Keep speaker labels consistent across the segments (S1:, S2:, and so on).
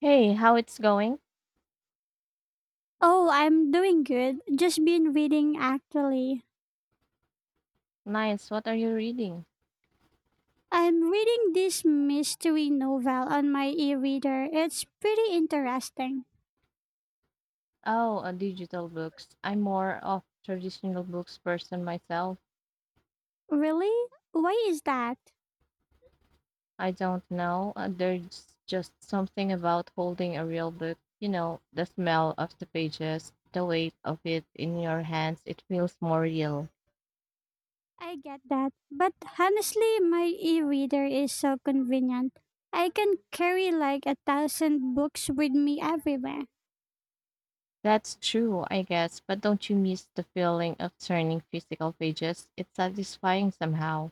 S1: Hey, how it's going?
S2: Oh, I'm doing good. Just been reading actually.
S1: Nice. What are you reading?
S2: I'm reading this mystery novel on my e-reader. It's pretty interesting.
S1: Oh, digital books. I'm more of traditional books person myself.
S2: Really? Why is that?
S1: I don't know. There's just something about holding a real book. You know, the smell of the pages, the weight of it in your hands. It feels more real.
S2: I get that. But honestly, my e-reader is so convenient. I can carry like a thousand books with me everywhere.
S1: That's true, I guess. But don't you miss the feeling of turning physical pages? It's satisfying somehow.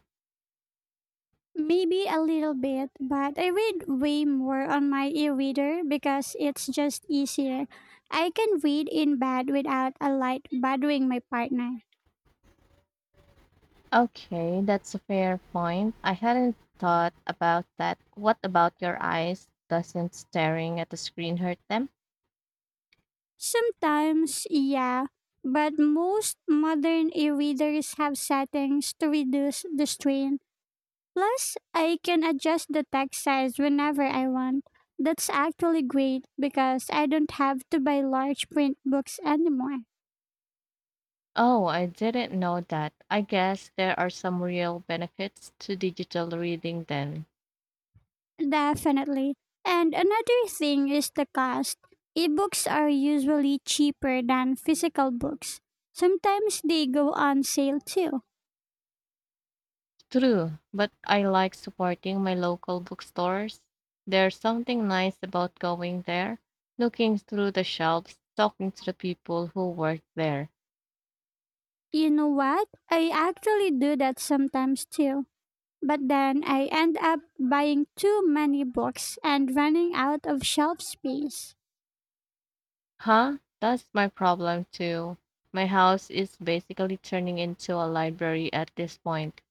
S2: Maybe a little bit, but I read way more on my e reader because it's just easier. I can read in bed without a light bothering my partner.
S1: Okay, that's a fair point. I hadn't thought about that. What about your eyes? Doesn't staring at the screen hurt them?
S2: Sometimes, yeah, but most modern e readers have settings to reduce the strain. Plus, I can adjust the text size whenever I want. That's actually great because I don't have to buy large print books anymore.
S1: Oh, I didn't know that. I guess there are some real benefits to digital reading then.
S2: Definitely. And another thing is the cost. Ebooks are usually cheaper than physical books. Sometimes they go on sale too.
S1: True, but I like supporting my local bookstores. There's something nice about going there, looking through the shelves, talking to the people who work there.
S2: You know what? I actually do that sometimes too. But then I end up buying too many books and running out of shelf space.
S1: Huh? That's my problem too. My house is basically turning into a library at this point.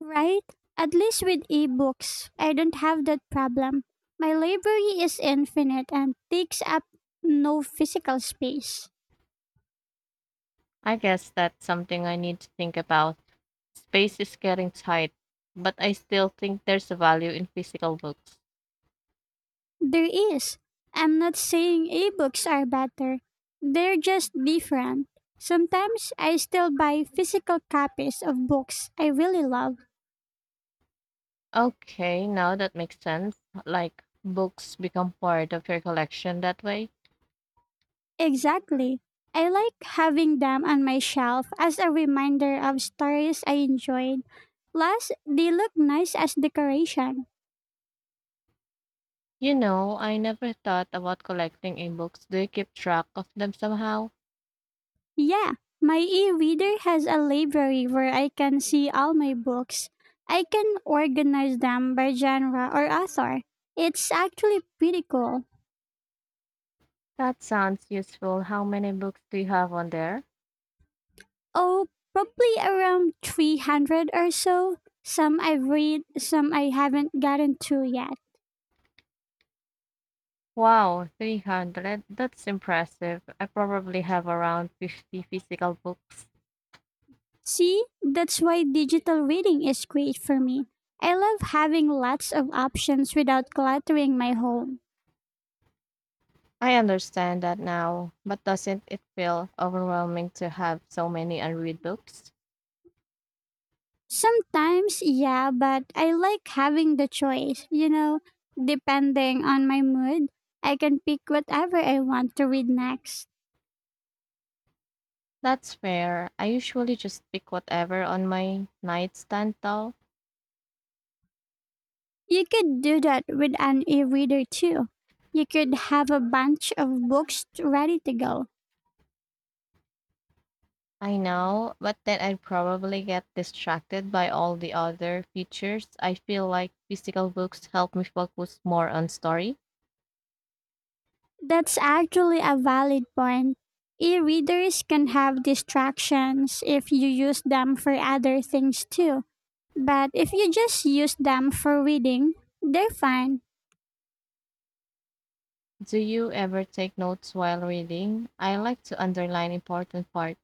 S2: Right? At least with ebooks, I don't have that problem. My library is infinite and takes up no physical space.
S1: I guess that's something I need to think about. Space is getting tight, but I still think there's a value in physical books.
S2: There is. I'm not saying ebooks are better. They're just different. Sometimes I still buy physical copies of books I really love.
S1: Okay, now that makes sense. Like, books become part of your collection that way.
S2: Exactly. I like having them on my shelf as a reminder of stories I enjoyed. Plus, they look nice as decoration.
S1: You know, I never thought about collecting in books. Do you keep track of them somehow?
S2: Yeah, my e reader has a library where I can see all my books. I can organize them by genre or author. It's actually pretty cool.
S1: That sounds useful. How many books do you have on there?
S2: Oh, probably around 300 or so. Some I've read, some I haven't gotten to yet.
S1: Wow, 300. That's impressive. I probably have around 50 physical books.
S2: See, that's why digital reading is great for me. I love having lots of options without cluttering my home.
S1: I understand that now, but doesn't it feel overwhelming to have so many unread books?
S2: Sometimes, yeah, but I like having the choice. You know, depending on my mood, I can pick whatever I want to read next.
S1: That's fair. I usually just pick whatever on my nightstand though.
S2: You could do that with an e reader too. You could have a bunch of books ready to go.
S1: I know, but then I'd probably get distracted by all the other features. I feel like physical books help me focus more on story.
S2: That's actually a valid point. E readers can have distractions if you use them for other things too. But if you just use them for reading, they're fine.
S1: Do you ever take notes while reading? I like to underline important part.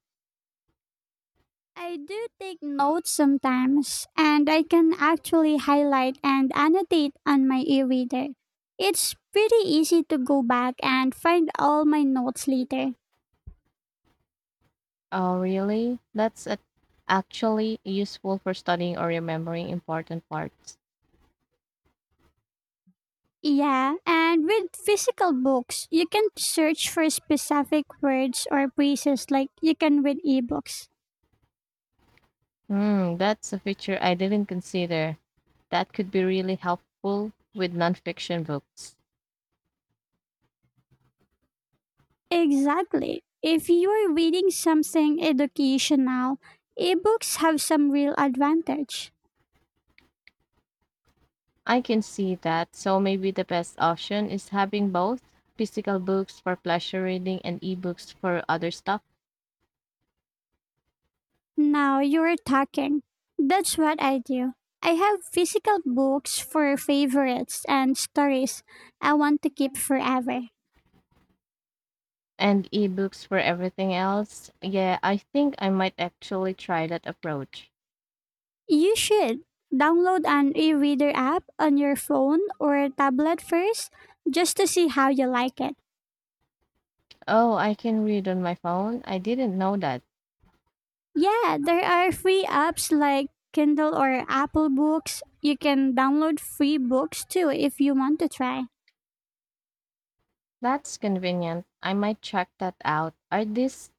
S2: I do take notes sometimes, and I can actually highlight and annotate on my e reader. It's pretty easy to go back and find all my notes later.
S1: Oh, really? Actually useful for studying or remembering important parts.
S2: Yeah, and with physical books, you can search for specific words or phrases like you can with ebooks.
S1: Hmm, that's a feature I didn't consider. That could be really helpful with nonfiction books.
S2: Exactly. If you're reading something educational, ebooks have some real advantage.
S1: I can see that. So maybe the best option is having both physical books for pleasure reading and ebooks for other stuff.
S2: Now you're talking. That's what I do. I have physical books for favorites and stories I want to keep forever.
S1: And ebooks for everything else. Yeah, I think I might actually try that approach.
S2: You should download an e-reader app on your phone or tablet first just to see how you like it.
S1: Oh, I can read on my phone. I didn't know that.
S2: Yeah, there are free apps like Kindle or Apple Books. You can download free books too if you want to try.
S1: That's convenient. I might check that out.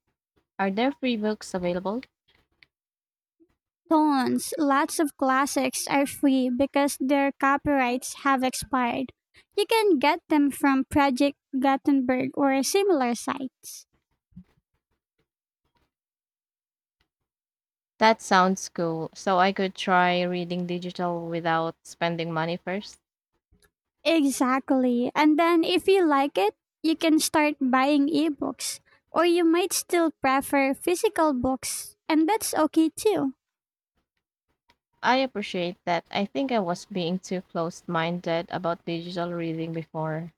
S1: Are there free books available?
S2: Tons, lots of classics are free because their copyrights have expired. You can get them from Project Gutenberg or similar sites.
S1: That sounds cool. So I could try reading digital without spending money first.
S2: Exactly. And then if you like it, you can start buying ebooks. Or you might still prefer physical books, and that's okay too.
S1: I appreciate that. I think I was being too closed minded about digital reading before.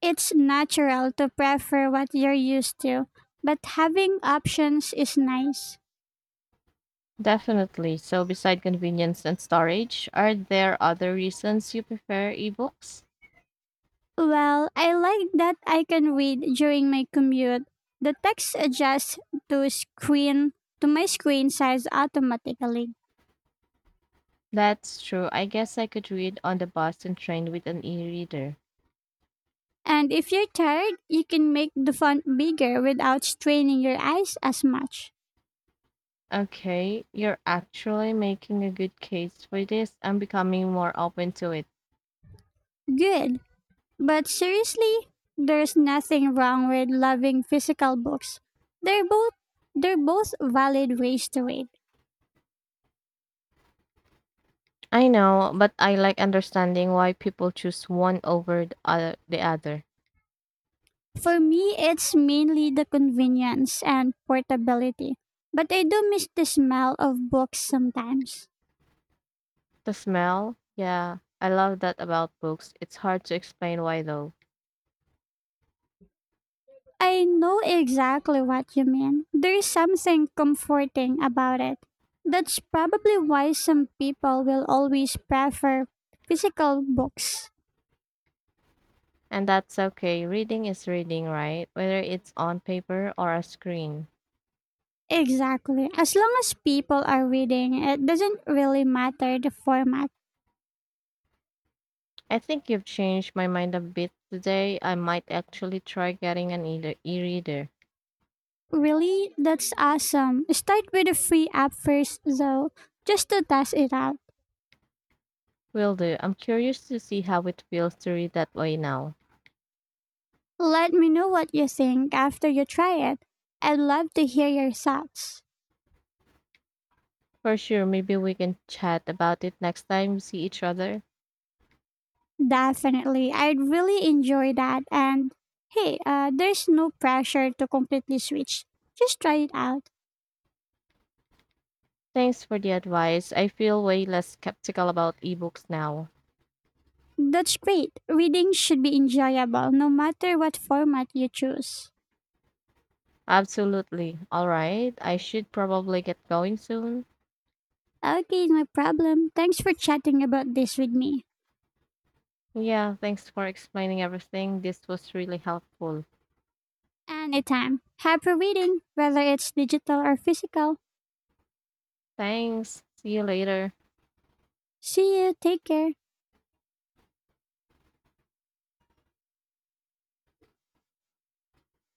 S2: It's natural to prefer what you're used to, but having options is nice.
S1: Definitely. So, beside convenience and storage, are there other reasons you prefer ebooks?
S2: Well, I like that I can read during my commute. The text adjusts to screen to my screen size automatically.
S1: That's true. I guess I could read on the bus and train with an e-reader.
S2: And if you're tired, you can make the font bigger without straining your eyes as much.
S1: Okay, you're actually making a good case for this. I'm becoming more open to it.
S2: Good. But seriously, there's nothing wrong with loving physical books. They're both they're both valid ways to read.
S1: I know, but I like understanding why people choose one over the other. The other.
S2: For me, it's mainly the convenience and portability. But I do miss the smell of books sometimes.
S1: The smell? Yeah, I love that about books. It's hard to explain why though.
S2: I know exactly what you mean. There's something comforting about it. That's probably why some people will always prefer physical books.
S1: And that's okay. Reading is reading, right? Whether it's on paper or a screen.
S2: Exactly. As long as people are reading, it doesn't really matter the format.
S1: I think you've changed my mind a bit today. I might actually try getting an e-reader.
S2: Really? That's awesome. Start with a free app first, though, just to test it out.
S1: Will do. I'm curious to see how it feels to read that way now.
S2: Let me know what you think after you try it. I'd love to hear your thoughts.
S1: For sure, maybe we can chat about it next time we see each other.
S2: Definitely. I'd really enjoy that. And hey, there's no pressure to completely switch. Just try it out.
S1: Thanks for the advice. I feel way less skeptical about ebooks now.
S2: That's great. Reading should be enjoyable no matter what format you choose.
S1: Absolutely. All right. I should probably get going soon.
S2: Okay, no problem. Thanks for chatting about this with me.
S1: Yeah, thanks for explaining everything. This was really helpful.
S2: Anytime. Happy reading, whether it's digital or physical.
S1: Thanks. See you later.
S2: See you, take care.